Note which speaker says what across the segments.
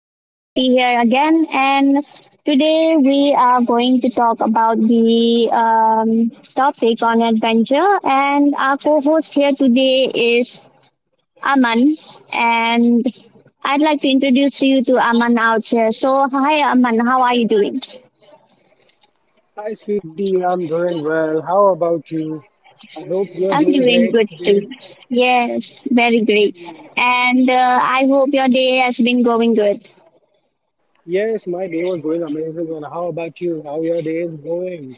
Speaker 1: This is Sweetie here again, and today we are going to talk about the topic on adventure. And our co-host here today is Aman, and I'd like to introduce to you to Aman out here. So, hi, Aman, how are you doing?
Speaker 2: Hi, sweetie. I'm doing well. How about you? I hope you are
Speaker 1: I'm
Speaker 2: doing
Speaker 1: doing
Speaker 2: great
Speaker 1: good too.
Speaker 2: today.
Speaker 1: Yes, very great. And I hope your day has been going good.
Speaker 2: Yes, my day was going amazing. And how about you? How your day is going?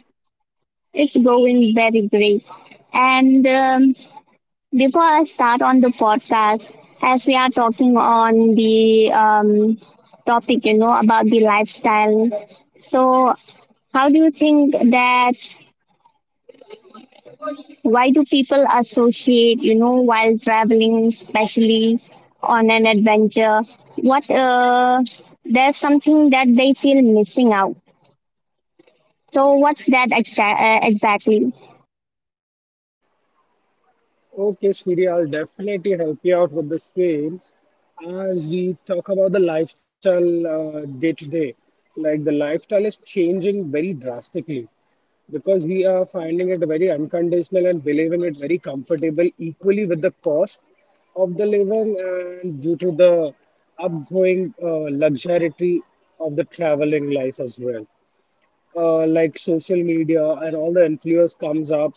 Speaker 1: It's going very great. And before I start on the podcast, as we are talking on the topic, about the lifestyle, so how do you think that why do people associate, while traveling, especially on an adventure? What there's something that they feel missing out. So what's that exactly?
Speaker 2: Okay, sweetie. I'll definitely help you out with the same as we talk about the lifestyle day to day. Like the lifestyle is changing very drastically. Because we are finding it very unconditional and believing it very comfortable equally with the cost of the living and due to the upgoing luxury of the traveling life as well, like social media and all the influence comes up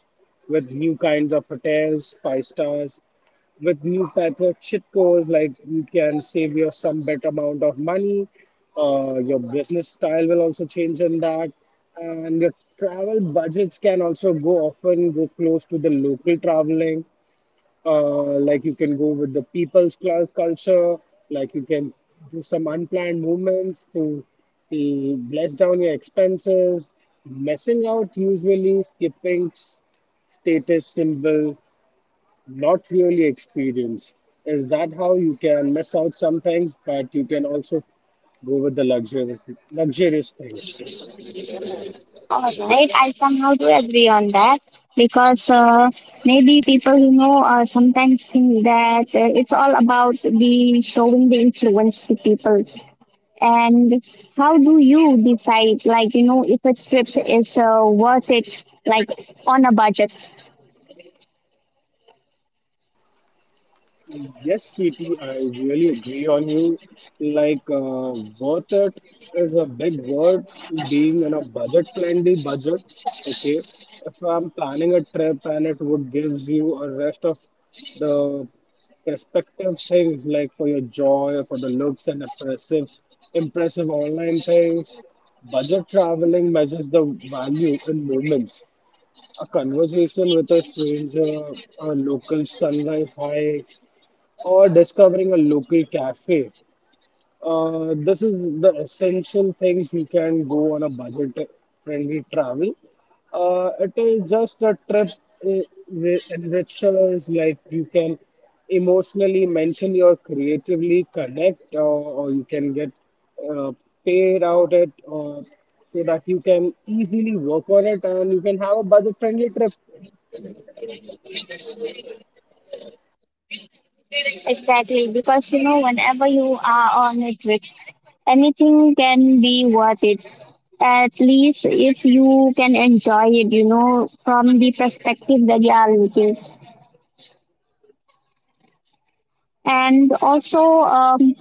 Speaker 2: with new kinds of hotels five stars with new type of cheat codes, like you can save your some better amount of money. Uh, your business style will also change in that, and your travel budgets can also go often go close to the local traveling. Uh, like you can go with the people's culture, like you can do some unplanned movements to bless down your expenses, messing out usually skipping status symbol, not really experience. Is that how you can miss out some things, but you can also go with the luxurious, things?
Speaker 1: All right, I somehow do agree on that because maybe people sometimes think that it's all about the showing the influence to people. And how do you decide, like if a trip is worth it, like on a budget?
Speaker 2: Yes, sweetie, I really agree on you. Like, worth it is a big word, being in a budget friendly budget. Okay, if I'm planning a trip and it would gives you a rest of the perspective things, like for your joy, for the looks and impressive, online things, budget traveling measures the value in moments. A conversation with a stranger, a local sunrise high, or discovering a local cafe. This is the essential things you can go on a budget friendly travel. It is just a trip, uh, in which is like you can emotionally, mentally, or creatively connect, or you can get uh, paid out it, or so that you can easily work on it and you can have a budget friendly trip.
Speaker 1: Exactly, because whenever you are on a trip, anything can be worth it at least if you can enjoy it, from the perspective that you are looking. And also,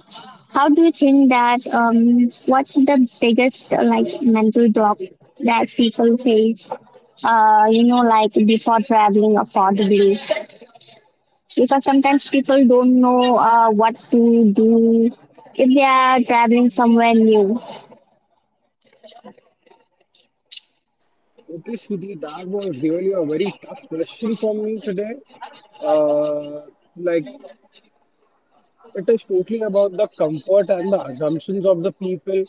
Speaker 1: how do you think that what's the biggest like mental block that people face? You know, like before traveling affordably, because sometimes people don't know what to do if they are traveling somewhere new.
Speaker 2: Okay, Shruti, that was really a very tough question for me today. Uh, like, it is totally about the comfort and the assumptions of the people.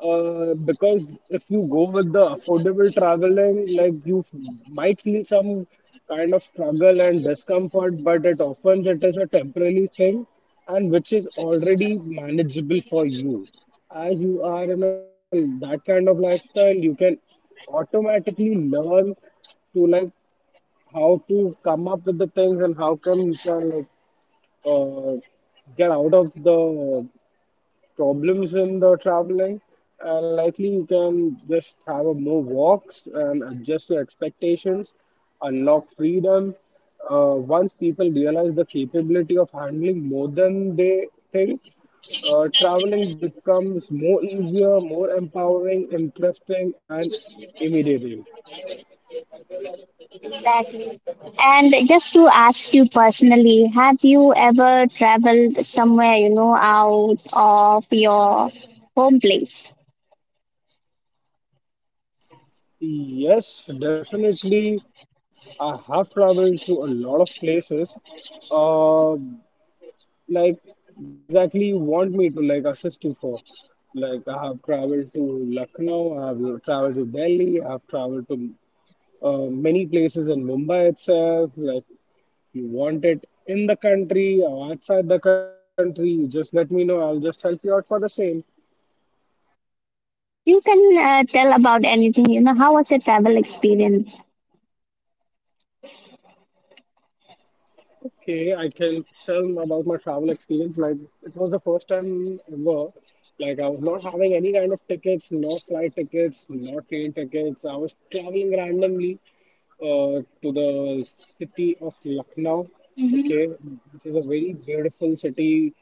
Speaker 2: Because if you go with the affordable traveling, like, you might feel some kind of struggle and discomfort, but it is a temporary thing and which is already manageable for you. As you are in a, that kind of lifestyle, you can automatically learn to, like, how to come up with the things and how come you can like uh, get out of the problems in the traveling. And likely you can just have a more walks and adjust your expectations, unlock freedom. Uh, once people realize the capability of handling more than they think, traveling becomes more easier, more empowering, interesting, and immediate.
Speaker 1: Exactly. And just to ask you personally, have you ever traveled somewhere you know out of your home place?
Speaker 2: Yes, definitely. I have traveled to a lot of places. Uh, like, where exactly you want me to like assist you for? Like, I have traveled to Lucknow, I have traveled to Delhi, I have traveled to many places in Mumbai itself. Like, you want it in the country or outside the country, you just let me know. I'll just help you out for the same.
Speaker 1: You can tell about anything. You know, how was your travel experience?
Speaker 2: Okay, I can tell about my travel experience. Like, it was the first time ever. Like, I was not having any kind of tickets, no flight tickets, no train tickets. I was traveling randomly to the city of Lucknow.
Speaker 1: Hmm.
Speaker 2: Okay, which is a very beautiful city.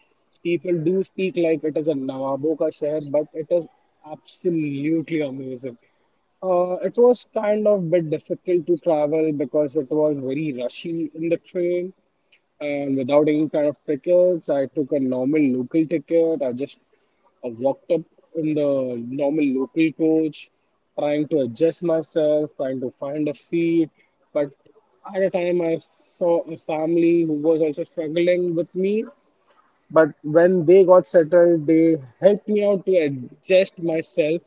Speaker 2: People do speak like it is a Nawabon ka sheher, but it is absolutely amazing. It was kind of bit difficult to travel because it was very rushy in the train, and without any kind of tickets, I took a normal local ticket. I just walked up in the normal local coach, trying to adjust myself, trying to find a seat. But at a time, I saw a family who was also struggling with me. But when they got settled, they helped me out to adjust myself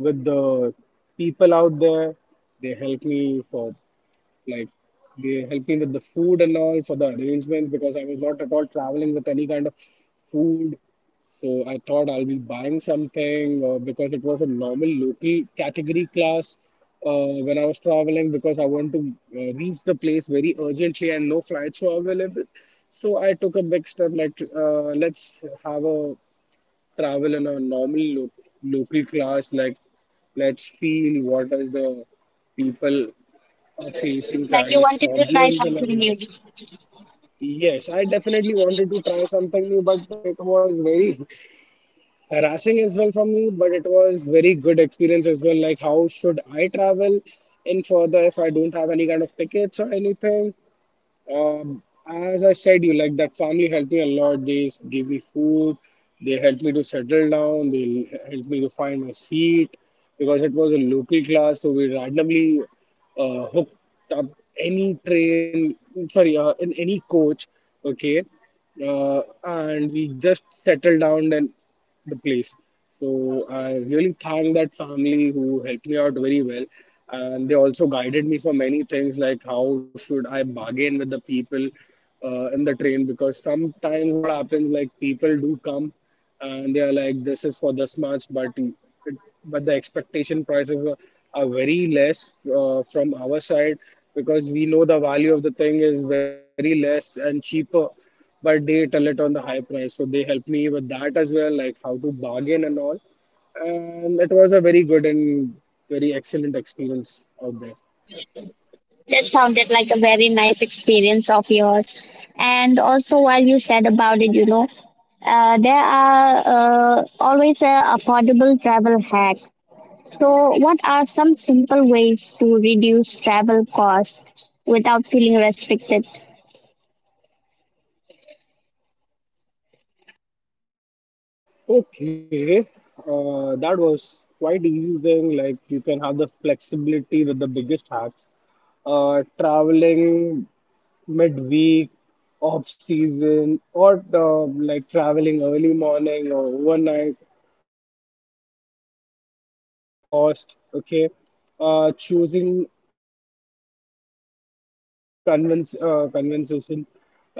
Speaker 2: with the people out there. They helped me for, like, they helped me with the food and all for the arrangements, because I was not at all traveling with any kind of food. So I thought I'll be buying something, because it was a normal local category class when I was traveling, because I want to reach the place very urgently and no flights were available. So I took a big step like, let's have a travel in a normal local class, like, let's feel what is the people facing
Speaker 1: Like
Speaker 2: kind
Speaker 1: you
Speaker 2: of
Speaker 1: wanted to try
Speaker 2: problems and
Speaker 1: something
Speaker 2: everything.
Speaker 1: new.
Speaker 2: Yes, I definitely wanted to try something new, but it was very harassing as well from me. But it was very good experience as well. Like, how should I travel in further if I don't have any kind of tickets or anything? Um, as I said, you, like, that family helped me a lot. They gave me food. They helped me to settle down. They helped me to find my seat, because it was a local class, so we randomly hooked up any train, sorry, in any coach, okay, and we just settled down in the place. So I really thank that family who helped me out very well, and they also guided me for many things, like, how should I bargain with the people in the train, because sometimes what happens, like, people do come and they are like, this is for this much, but it, but the expectation prices are, very less from our side, because we know the value of the thing is very less and cheaper, but they tell it on the high price. So they help me with that as well, like how to bargain and all. And it was a very good and very excellent experience out there.
Speaker 1: That sounded like a very nice experience of yours. And also, while you said about it, you know, there are always affordable travel hacks. So, what are some simple ways to reduce travel costs without feeling restricted?
Speaker 2: Okay, that was quite easy thing. Like, you can have the flexibility with the biggest hacks. Traveling midweek, off season, or like traveling early morning or overnight, to lower your cost. Okay, choosing experience over convenient convince conversation, like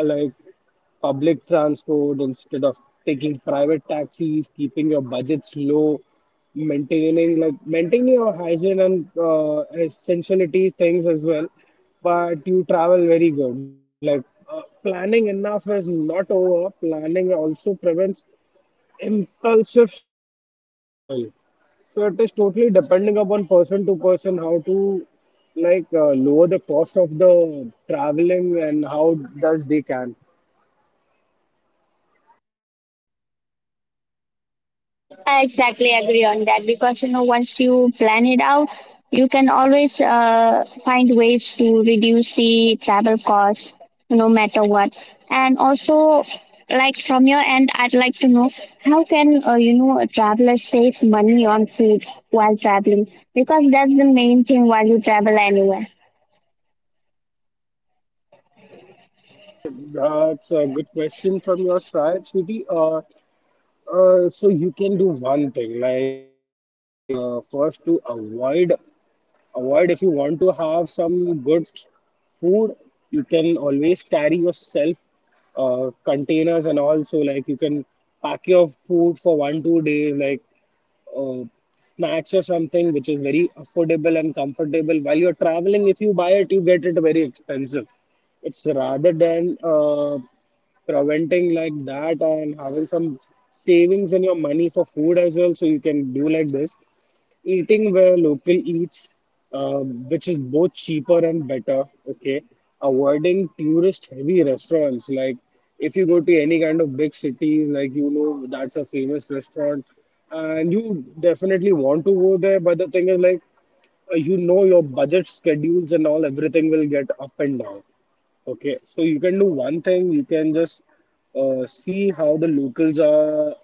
Speaker 2: public transport instead of taking private taxis, keeping your budgets low, maintaining, like, maintaining your hygiene and essentiality things as well. But you travel very good. Like, planning enough is not over. Planning also prevents impulsive spending as well. So it is totally depending upon person to person, how to, like, lower the cost of the traveling and how does they can.
Speaker 1: I exactly agree on that because you know once you plan it out, you can always find ways to reduce the travel cost, no matter what. And also, like from your end, I'd like to know how can you know a traveler save money on food while traveling because that's the main thing while you travel anywhere.
Speaker 2: That's a good question from your side, Shruti. So you can do one thing, like, first to avoid, if you want to have some good food, you can always carry yourself containers and all. So, like, you can pack your food for 1-2 days, like, uh, snacks or something, which is very affordable and comfortable. While you're traveling, if you buy it, you get it very expensive. It's rather than preventing like that and having some savings in your money for food as well. So you can do like this, eating where local eats, uh, which is both cheaper and better. Okay, avoiding tourist heavy restaurants, like, if you go to any kind of big city, like, you know, that's a famous restaurant, and you definitely want to go there, but the thing is, like, you know your budget schedules and all, everything will get up and down. Okay, so you can do one thing, you can just see how the locals are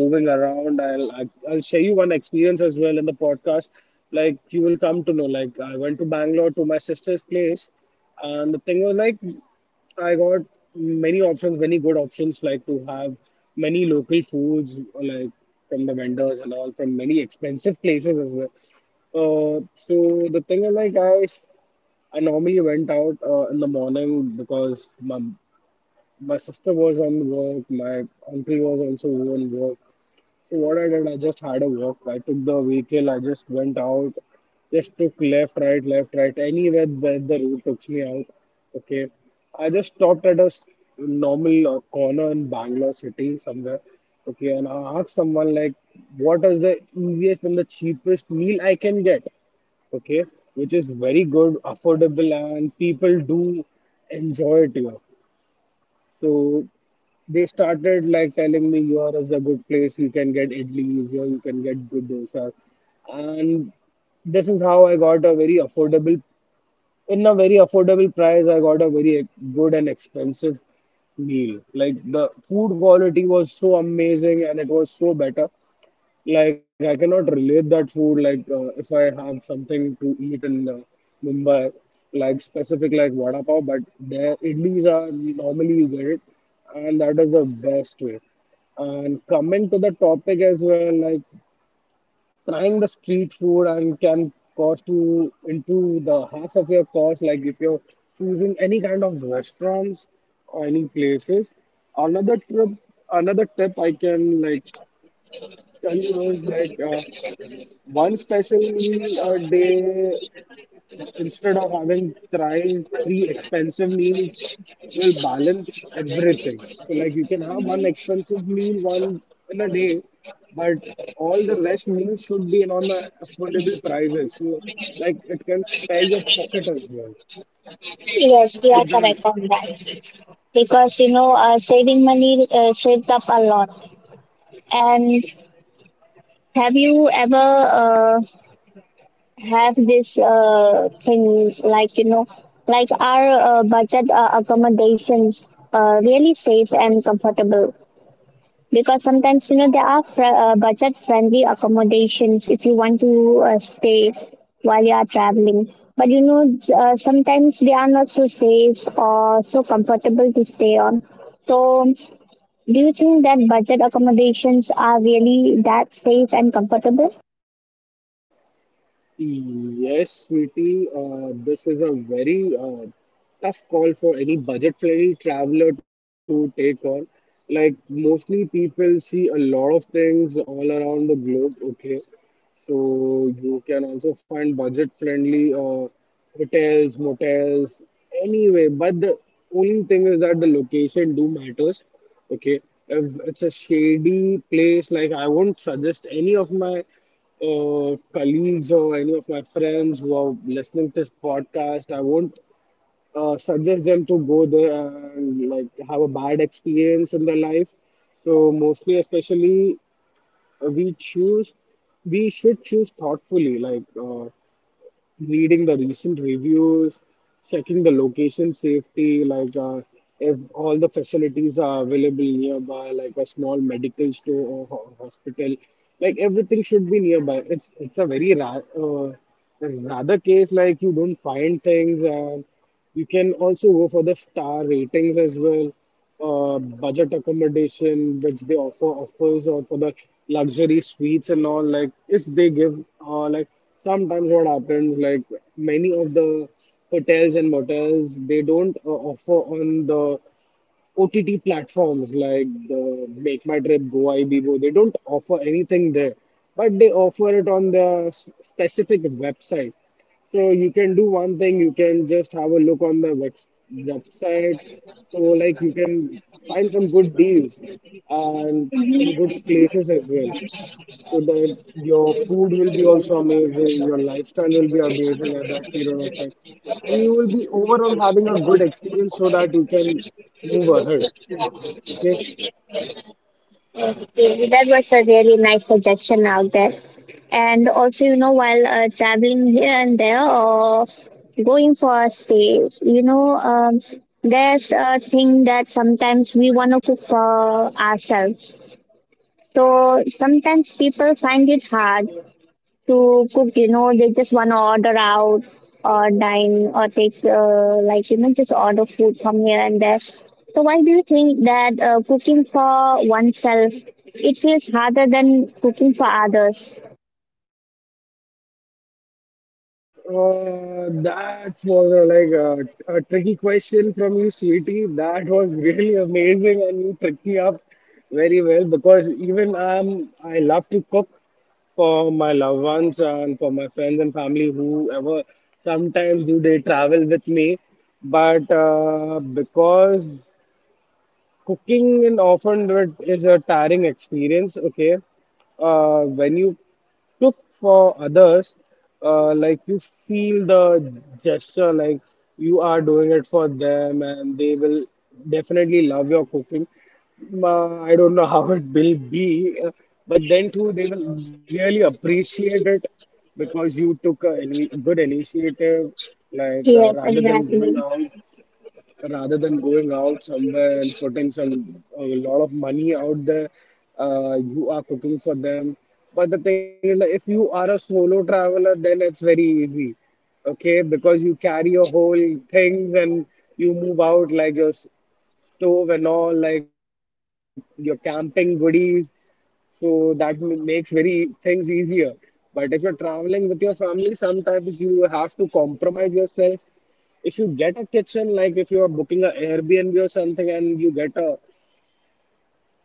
Speaker 2: moving around. I'll share you one experience as well in the podcast, like, you will come to know. Like, I went to Bangalore to my sister's place, and the thing was like, I got many options, many good options, like, to have many local foods, like from the vendors and all, from many expensive places as well. So the thing is, like, I normally went out in the morning, because my sister was on work, my uncle was also on work, so what I did, I just had a walk. I took the vehicle. I just went out. Just took left, right, left, right. Anywhere that the road took me out. Okay. I just stopped at a normal corner in Bangalore city somewhere. Okay, and I asked someone like, what is the easiest and the cheapest meal I can get? Okay, which is very good, affordable, and people do enjoy it here. So they started like telling me, here is a good place, you can get idlis, here you can get good dosa. And this is how I got a very affordable, in a very affordable price, I got a very good and expensive meal. Like, the food quality was so amazing and it was so better. Like, I cannot relate that food. Like if I have something to eat in Mumbai, like specific like vada pav, but their idlis are normally you get it, and that is the best way. And coming to the topic as well, like trying the street food and can cost you into the half of your cost. Like if you're choosing any kind of restaurants or any places. Another trip, another tip I can like tell you is like. One special meal a day instead of having try three expensive meals will balance everything. So like you can have one expensive meal once in a day, but all the rest meals should be in on the affordable prices. So like it can spare your pocket as well.
Speaker 1: Yes, you are
Speaker 2: Is that
Speaker 1: correct on that because saving money saves up a lot. And have you ever have this thing like you know like our budget accommodations really safe and comfortable because sometimes you know there are budget friendly accommodations if you want to stay while you are traveling but you know sometimes they are not so safe or so comfortable to stay on so do you think that budget accommodations are really that safe and comfortable?
Speaker 2: Yes, sweetie, this is a very tough call for any budget-friendly traveler to take on. Like, mostly people see a lot of things all around the globe, okay? So you can also find budget-friendly hotels, motels, anyway. But the only thing is that the location do matters. Okay, if it's a shady place, like I won't suggest any of my colleagues or any of my friends who are listening to this podcast, I won't suggest them to go there and like have a bad experience in their life. So mostly, especially we choose we should choose thoughtfully like reading the recent reviews checking the location safety like if all the facilities are available nearby like a small medical store or hospital like everything should be nearby it's a very rather case like you don't find things and you can also go for the star ratings as well, budget accommodation which they offer offers, or for the luxury suites and all. Like if they give, like sometimes what happens, like many of the hotels and motels they don't offer on the OTT platforms like the Make My Trip, Go Ibibo, they don't offer anything there, but they offer it on their specific website. So you can do one thing, you can just have a look on the website. So like you can find some good deals and some good places as well so that your food will be also amazing, your lifestyle will be amazing at that period of time, and you will be overall having a good experience so that you can move ahead. Okay.
Speaker 1: Okay, that was a really nice suggestion out there. And also, you know, while traveling here and there or going for a stay, you know, there's a thing that sometimes we want to cook for ourselves. So sometimes people find it hard to cook, you know, they just want to order out or dine or take, like, you know, just order food from here and there. So why do you think that cooking for oneself, it feels harder than cooking for others?
Speaker 2: That was like a tricky question from you, sweetie. That was really amazing, and you tricked me up very well because even I love to cook for my loved ones and for my friends and family, whoever. Sometimes do they travel with me, but because cooking and often it is a tiring experience. Okay, when you took for others, like you feel the gesture, like you are doing it for them, and they will definitely love your cooking. I don't know how it will be, but then too, they will really appreciate it because you took a ini good initiative, like
Speaker 1: Yes,
Speaker 2: rather than going
Speaker 1: exactly.
Speaker 2: out somewhere and putting some a lot of money out there you are cooking for them but the thing is like, if you are a solo traveler then it's very easy okay because you carry your whole things and you move out like your stove and all like your camping goodies so that makes very things easier but if you're traveling with your family sometimes you have to compromise yourself if you get a kitchen like if you are booking a airbnb or something and you get a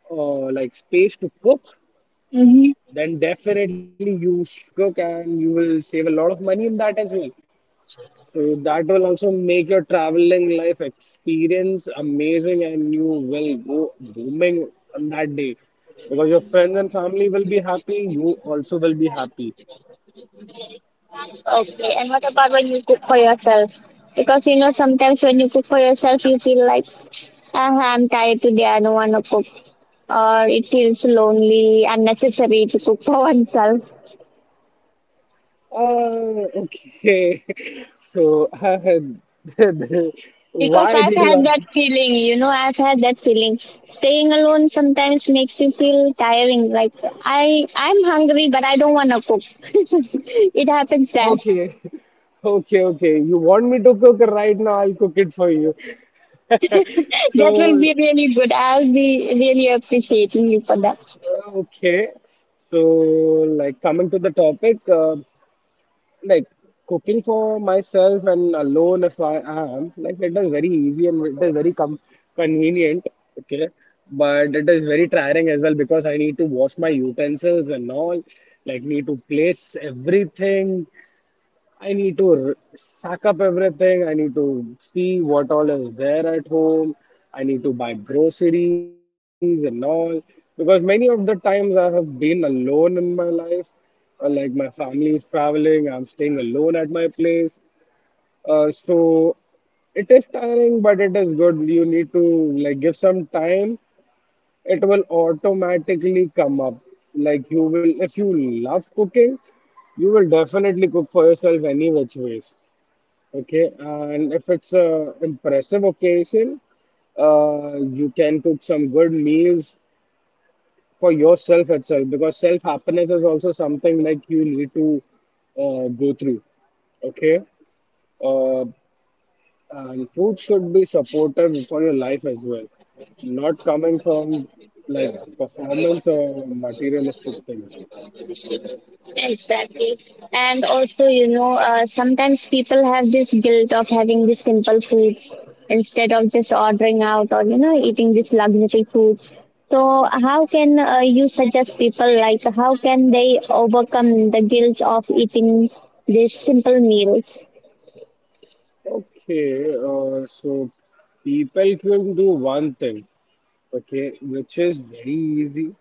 Speaker 2: like space to cook
Speaker 1: Mm-hmm.
Speaker 2: then definitely you should cook and you will save a lot of money in that as well so that will also make your traveling life experience amazing and you will go booming on that day because your friends and family will be happy, you also will be happy.
Speaker 1: Okay, and what about when you cook for yourself? Because you know, sometimes when you cook for yourself, you feel like, ah, I'm tired today, I don't want to cook. Or it feels lonely, unnecessary to cook for oneself.
Speaker 2: Ah, okay. So,
Speaker 1: Because
Speaker 2: why
Speaker 1: I've
Speaker 2: did
Speaker 1: had
Speaker 2: you?
Speaker 1: that feeling, you know, I've had that feeling. Staying alone sometimes makes you feel tiring. Like I'm hungry, but I don't want to cook. It happens that.
Speaker 2: Okay, okay, okay. You want me to cook right now? I'll cook it for you.
Speaker 1: That will
Speaker 2: So,
Speaker 1: be really good. I'll be really appreciating you for that.
Speaker 2: okay. So, like coming to the topic. Like cooking for myself and alone if I am, like it is very easy and it is very com convenient, okay? But it is very tiring as well because I need to wash my utensils and all, like need to place everything I need to sack up everything. I need to see what all is there at home. I need to buy groceries and all. Because many of the times I have been alone in my life, like my family is traveling, I'm staying alone at my place. So it is tiring, but it is good. You need to like give some time. It will automatically come up. Like you will, if you love cooking, you will definitely cook for yourself any which ways. Okay, and if it's a impressive occasion, you can cook some good meals for yourself itself because self happiness is also something like you need to go through. Okay, uh, and food should be supportive for your life as well, not coming from like performance or materialistic things.
Speaker 1: Exactly. And also, you know, sometimes people have this guilt of having these simple foods instead of just ordering out or, you know, eating these luxury foods. So, how can you suggest people, like, how can they overcome the guilt of eating these simple meals?
Speaker 2: Okay, so people can do one thing. Okay, which is very easy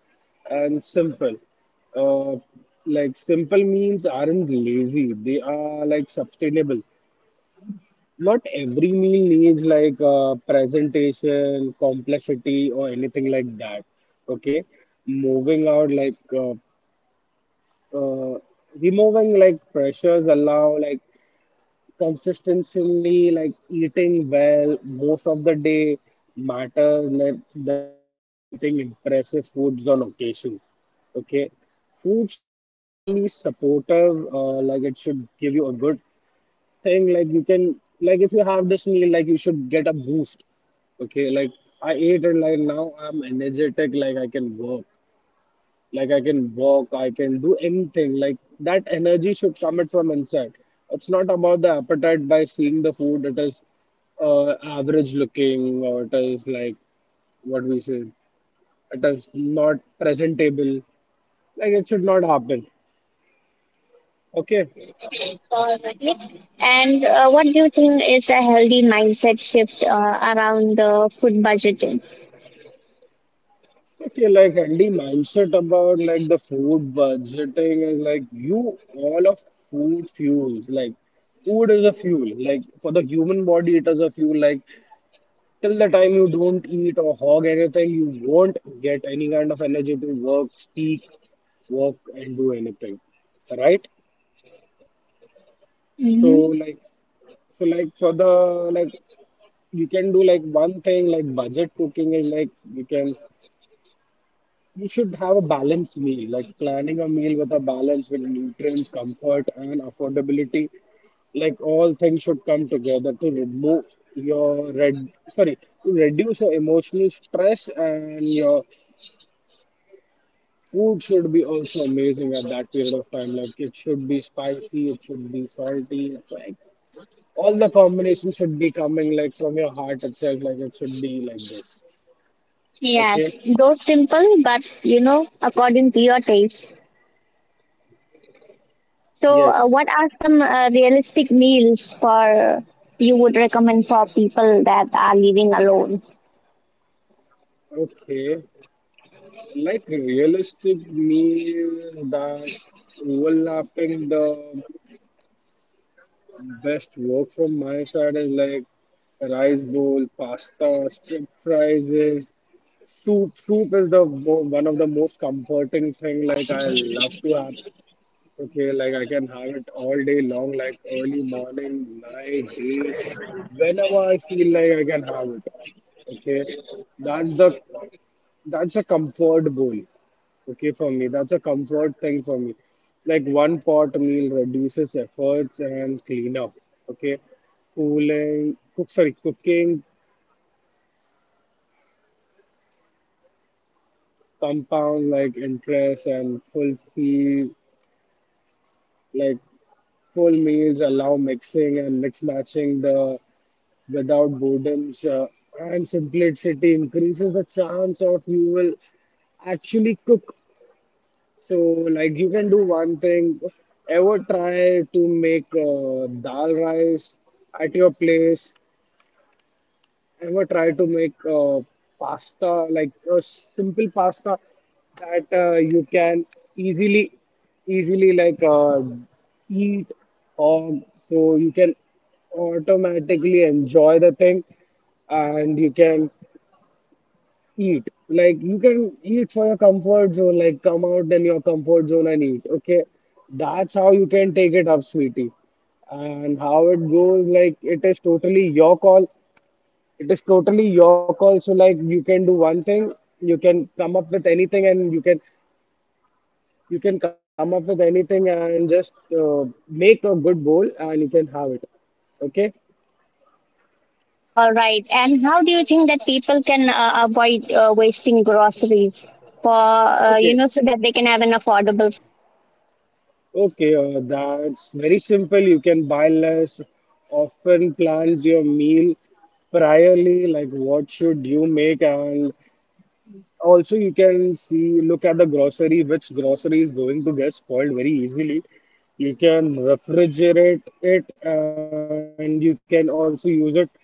Speaker 2: and simple. Uh, like simple means aren't lazy; they are like sustainable. Not every meal needs like presentation, complexity, or anything like that. Okay, moving out like uh, removing like pressures allow like consistently like eating well most of the day matters less than eating impressive foods on occasions. Okay, foods can be supportive, like it should give you a good thing. Like you can, like if you have this meal, like you should get a boost. Okay, like I ate and like now I'm energetic, like I can work like I can walk I can do anything like that energy should come it from inside it's not about the appetite by seeing the food it is average looking or it is like what we say it is not presentable like it should not happen okay
Speaker 1: Alright. And what do you think is a healthy mindset shift around the food budgeting?
Speaker 2: okay like healthy mindset about like the food budgeting is like you all of food fuels like food is a fuel like for the human body it is a fuel like till the time you don't eat or hog anything, you won't get any kind of energy to work, speak, work, and do anything, right? So
Speaker 1: Hmm.
Speaker 2: like, so like for the like, you can do like one thing like budget cooking is like you can you should have a balanced meal like planning a meal with a balance with nutrients, comfort, and affordability like all things should come together to remove your red sorry to reduce your emotional stress and your Food should be also amazing at that period of time. Like it should be spicy, it should be salty. It's like all the combinations should be coming like from your heart itself. Like it should be like this. Okay.
Speaker 1: Yes, those simple, but, you know, according to your taste. So,
Speaker 2: Yes.
Speaker 1: what are some realistic meals for you would recommend for people that are living alone?
Speaker 2: Okay. Like realistic meal that overlapping the best work from my side is like rice bowl, pasta, strip fries, soup is the one of the most comforting thing. Like I love to have. Okay, like I can have it all day long, like early morning, night, day, whenever I feel like I can have it. Okay, that's the that's a comfort bowl. Okay, for me, that's a comfort thing for me. Like one pot meal reduces efforts and cleanup. Okay, cooking compound like interest and fulfill like full meals, allow mixing and mix matching the without boredoms, and simplicity increases the chance of you will actually cook. So, like you can do one thing. Ever try to make dal rice at your place? Ever try to make pasta like a simple pasta that you can easily easily like uh, eat or so you can automatically enjoy the thing and you can eat like you can eat for your comfort zone like come out in your comfort zone and eat okay that's how you can take it up sweetie and how it goes like it is totally your call it is totally your call so like you can do one thing you can come up with anything and you can come up with anything and just make a good bowl and you can have it okay
Speaker 1: All right, and how do you think that people can avoid wasting groceries for
Speaker 2: okay
Speaker 1: you know so that they can have an affordable?
Speaker 2: okay that's very simple you can buy less often plans your meal priorly like what should you make and Also, you can see, look at the grocery, which grocery is going to get spoiled very easily. You can refrigerate it and you can also use it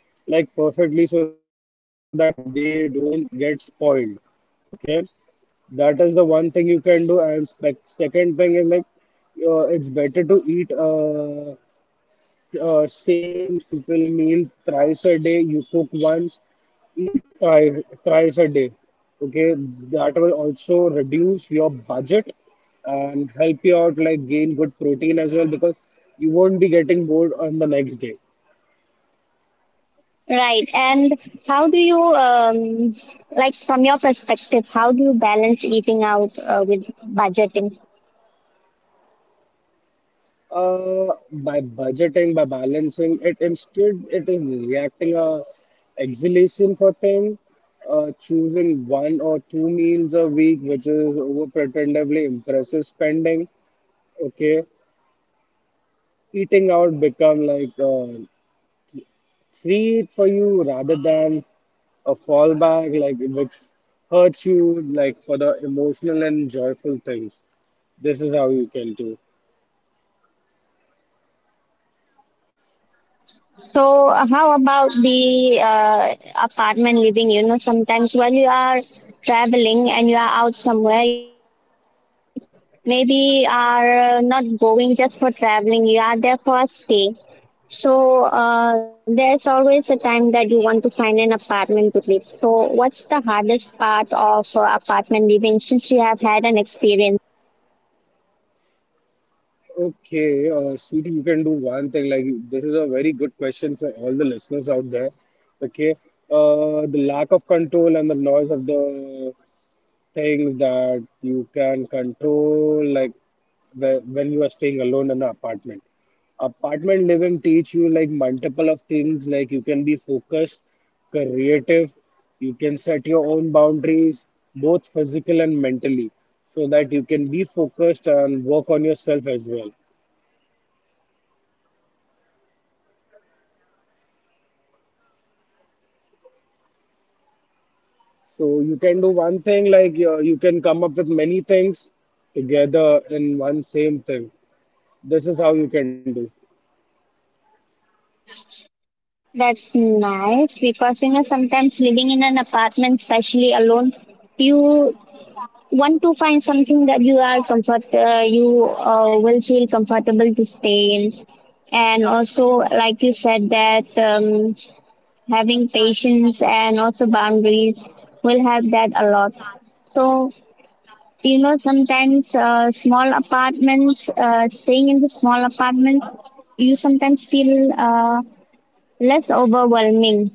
Speaker 2: like perfectly so that they don't get spoiled. Okay, that is the one thing you can do. And spec second thing is like, it's better to eat same simple meal thrice a day. You cook once, eat thrice, thrice a day. Okay, that will also reduce your budget and help you out like gain good protein as well because you won't be getting bored on the next day.
Speaker 1: Right, and how do you like from your perspective? How do you balance eating out with budgeting?
Speaker 2: By budgeting, by balancing it, instead it is reacting a exhalation for thing, choosing one or two meals a week, which is over pretendably impressive spending. Okay, eating out become like a treat for you rather than a fallback, like which hurts you, like for the emotional and joyful things. This is how you can do.
Speaker 1: So, how about the apartment living? You know, sometimes when you are traveling and you are out somewhere, you also maybe are not going just for traveling, you are there for a stay. So, there's always a time that you want to find an apartment to live. So, what's the hardest part of apartment living since you have had an experience?
Speaker 2: Okay, Sweetie, you can do one thing. Like, this is a very good question for all the listeners out there. Okay, the lack of control and the noise of the things that you can control, like when you are staying alone in an apartment, apartment living teach you like multiple of things. Like you can be focused, creative, you can set your own boundaries, both physical and mentally, so that you can be focused and work on yourself as well. So you can do one thing, like you can come up with many things together in one same thing. This is how you can do.
Speaker 1: That's nice because you know sometimes living in an apartment, especially alone, you want to find something that you will feel comfortable to stay in and also like you said that having patience and also boundaries will help that a lot so you know sometimes small apartments staying in the small apartments you sometimes feel less overwhelming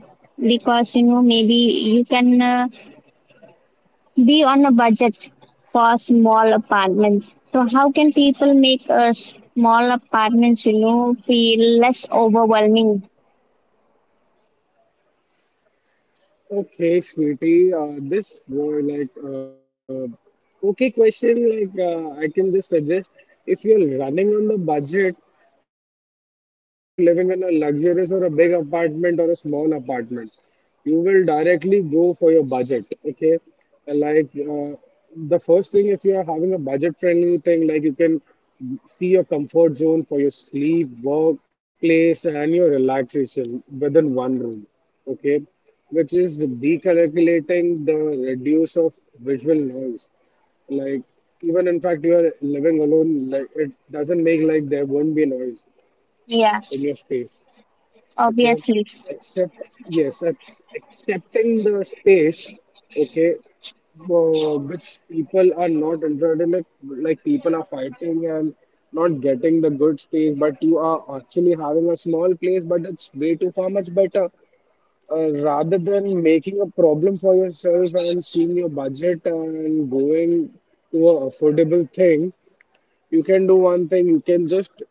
Speaker 1: because you know maybe you can be on a budget for small apartments. So how can people make a small apartments, you know, feel less overwhelming?
Speaker 2: Okay, Sweetie. This were like okay question. Like I can just suggest, if you're running on the budget, you won't see like you are living in a luxurious or a big apartment or a small apartment. You will directly go for your budget. Okay, like the first thing, if you are having a budget-friendly thing, like you can see your comfort zone for your sleep, work, place, and your relaxation within one room, okay, which is decalculating the reduce of visual noise. Like even in fact you are living alone, like it doesn't make like there won't be noise
Speaker 1: Yeah,
Speaker 2: in your space. Okay,
Speaker 1: obviously.
Speaker 2: except yes, accepting the space. Okay, which people are not interested in, like people are fighting and not getting the good space, but you are actually having a small place, but it's way too far much better rather than making a problem for yourself and seeing your budget and going to a affordable thing, you can do one thing, you can just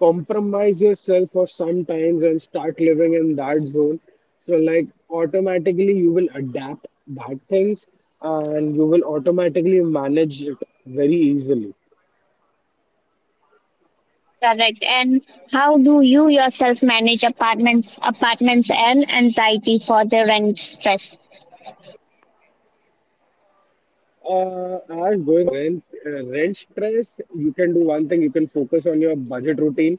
Speaker 2: compromise yourself for some times and start living in that zone. So like automatically you will adapt bad things and you will automatically manage it very easily.
Speaker 1: Correct. And how do you yourself manage apartments and anxiety for the rent stress?
Speaker 2: Uh, as going apart for the rent, rent stress, you can do one thing, you can focus on your budget routine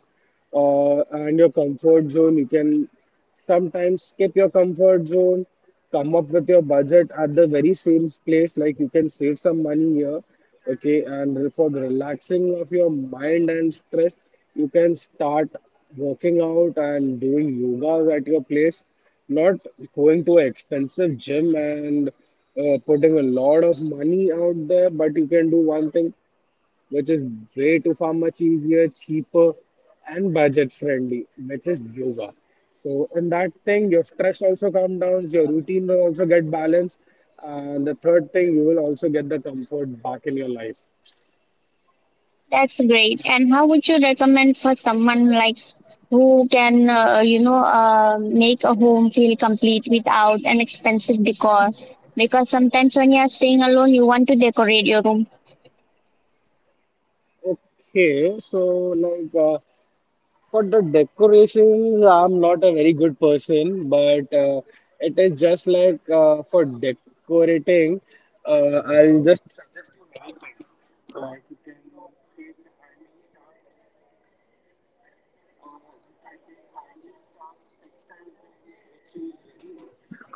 Speaker 2: and your comfort zone. You can sometimes skip your comfort zone, come up with your budget at the very same place, like you can save some money here, okay? And for the relaxing of your mind and stress, you can start working out and doing yoga at your place, not going to an expensive gym and putting a lot of money out there, but you can do one thing which is way too far much easier, cheaper, and budget friendly, which is yoga. So in that thing, your stress also comes down, your routine will also get balanced, and the third thing, you will also get the comfort back in your life.
Speaker 1: That's great. And how would you recommend for someone like who can you know make a home feel complete without an expensive decor because sometimes when you are staying alone you want to decorate your room?
Speaker 2: Okay, so like. For the decorations, I'm not a very good person, but it is just like, for decorating, I'll just suggest you many things. Like you can take handmade stuff,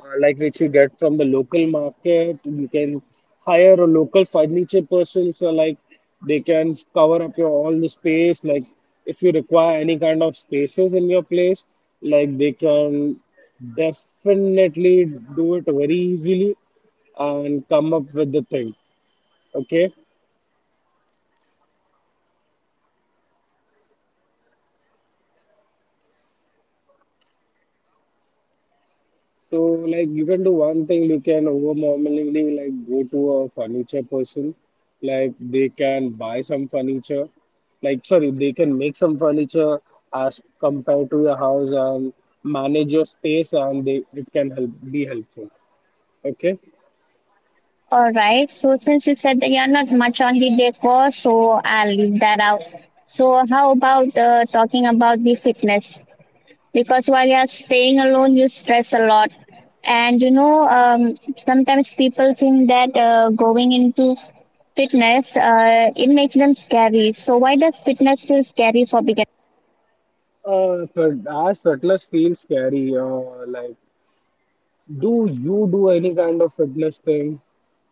Speaker 2: like which you get from the local market. You can hire a local furniture person, so like they can cover up your all the space. Like if you require any kind of spaces in your place, like they can definitely do it very easily and come up with the thing. Okay, so like you can do one thing, you can overwhelmingly like go to a furniture person, like they can buy some furniture, like sorry, they can make some furniture as compared to your house and manage your space and they it can help be helpful. Okay.
Speaker 1: All right, so since you said that you are not much on the decor, so I'll leave that out. So how about talking about the fitness, because while you're staying alone you stress a lot, and you know, sometimes people think that going into fitness it makes them scary. So why does fitness feel scary for beginners?
Speaker 2: But as fitness feels scary, like do you do any kind of fitness thing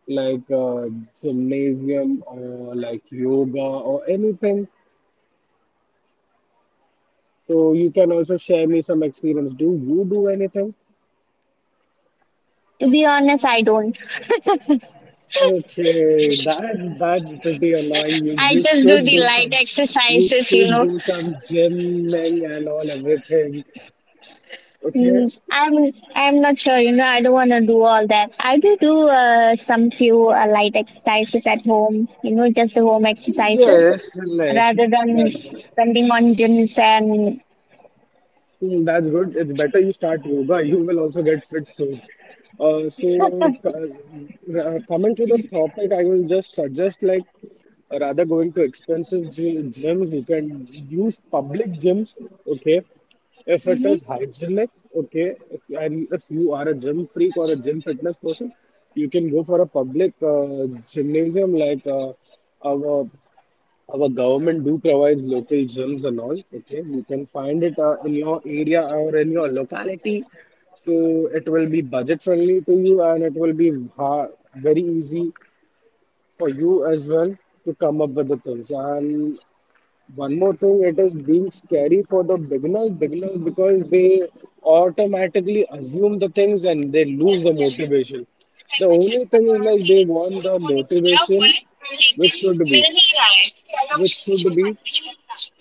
Speaker 2: like gymnasium or like yoga or anything? So you can also share me some experience. Do you do anything?
Speaker 1: To be honest, I don't.
Speaker 2: Okay, that's pretty annoying. You
Speaker 1: I
Speaker 2: you
Speaker 1: just do
Speaker 2: should
Speaker 1: the
Speaker 2: do
Speaker 1: light
Speaker 2: some, you
Speaker 1: exercises, you
Speaker 2: should
Speaker 1: know.
Speaker 2: do some gymming and all everything. Okay.
Speaker 1: Mm, I'm not sure, you know, I don't want to do all that. I do do some few light exercises at home, you know, just the home exercises
Speaker 2: Yes, like
Speaker 1: rather than
Speaker 2: that works.
Speaker 1: spending on gyms and
Speaker 2: Hmm, that's good. It's better you start yoga. You will also get fit soon. So, coming to the topic, I will just suggest like rather going to expensive gyms, you can use public gyms. Okay, if it
Speaker 1: Mm-hmm.
Speaker 2: is hygienic. Okay, if and if you are a gym freak or a gym fitness person, you can go for a public gymnasium, like our our government do provides local gyms and all. Okay, you can find it in your area or in your locality. So it will be budget friendly to you, and it will be ha- very easy for you as well to come up with the things. And one more thing, it is being scary for the beginners, beginners because they automatically assume the things and they lose the motivation. The only thing is like they want the motivation which should be, which should be,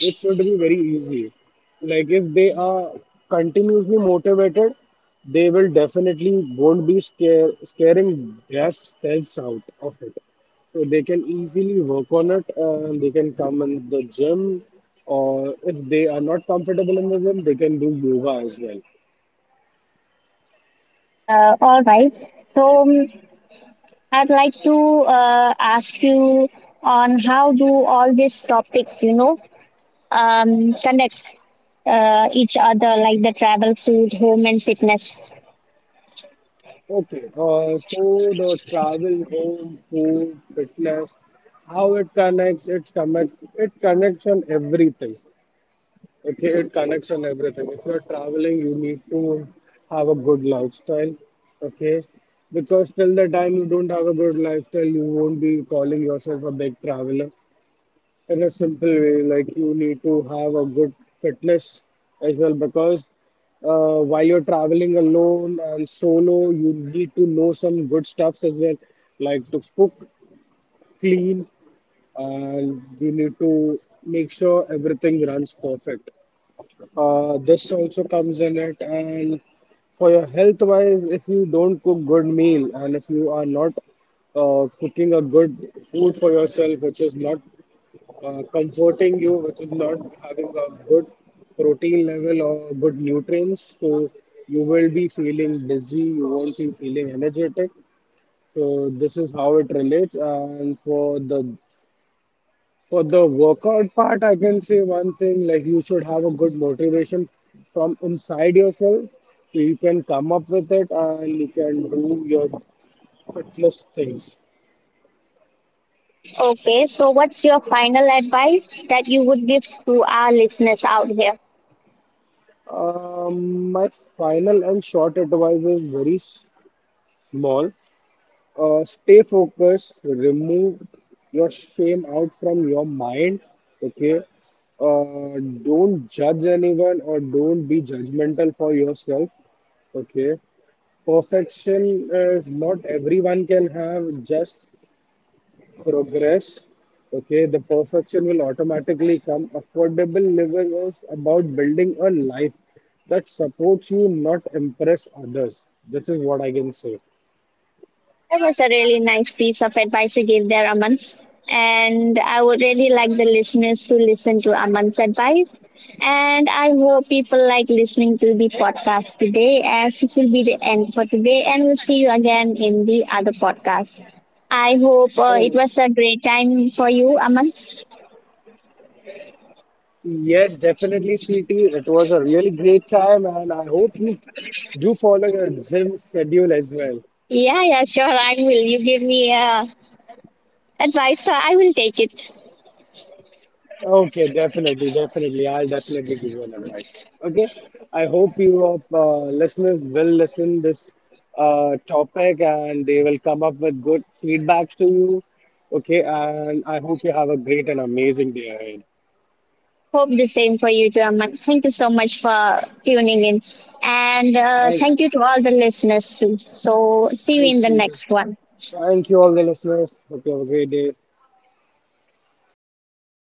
Speaker 2: which should be very easy. Like if they are continuously motivated, they will definitely won't be scare, scaring themselves out of it. So they can easily work on it and they can come in the gym, or if they are not comfortable in the gym, they can do yoga as well.
Speaker 1: All right. So I'd like to ask you on how do all these topics, you know, connect each other, like the travel, food, home, and fitness.
Speaker 2: Okay, so the travel, home, food, fitness, how it connects, it connects on everything. Okay, it connects on everything. If you're traveling, you need to have a good lifestyle. Okay, because till the time you don't have a good lifestyle, you won't be calling yourself a big traveler. In a simple way, like you need to have a good fitness as well. Because while you're traveling alone and solo, you need to know some good stuffs as well, like to cook, clean, and you need to make sure everything runs perfect. This also comes in it, and for your health wise, if you don't cook good meal and if you are not cooking a good food for yourself, which is not comforting you, which is not having a good protein level or good nutrients, so you will be feeling dizzy, you won't be feeling energetic. So this is how it relates, and for the, for the workout part, I can say one thing like you should have a good motivation from inside yourself so you can come up with it and you can do your fitness things.
Speaker 1: Okay. So what's your final advice that you would give to our listeners out here?
Speaker 2: My final and short advice is very small. Stay focused, remove your shame out from your mind. Okay, uh, don't judge anyone or don't be judgmental for yourself. Okay, perfection is not everyone can have, just progress, okay? The perfection will automatically come. Affordable living is about building a life that supports you, not impress others. This is what I can say.
Speaker 1: That was a really nice piece of advice you gave there, Aman. And I would really like the listeners to listen to Aman's advice. And I hope people like listening to the podcast today, as this will be the end for today. And we'll see you again in the other podcast. I hope
Speaker 2: Oh,
Speaker 1: it was a great time for you, Aman.
Speaker 2: yes, definitely, sweetie. It was a really great time, and I hope you do follow your gym schedule as well.
Speaker 1: Yeah, yeah, sure. I will. You give me advice, so I will take it.
Speaker 2: Okay, definitely, definitely. I'll definitely give you an advice. Okay, I hope you of listeners will listen this topic and they will come up with good feedbacks to you. Okay, and I hope you have a great and amazing day ahead.
Speaker 1: Hope the same for you, German. Thank you so much for tuning in. And
Speaker 2: Thank,
Speaker 1: thank you to all the listeners, too. So, see you in
Speaker 2: thank
Speaker 1: the
Speaker 2: you,
Speaker 1: next one.
Speaker 2: thank you all the listeners. Hope you have a great day.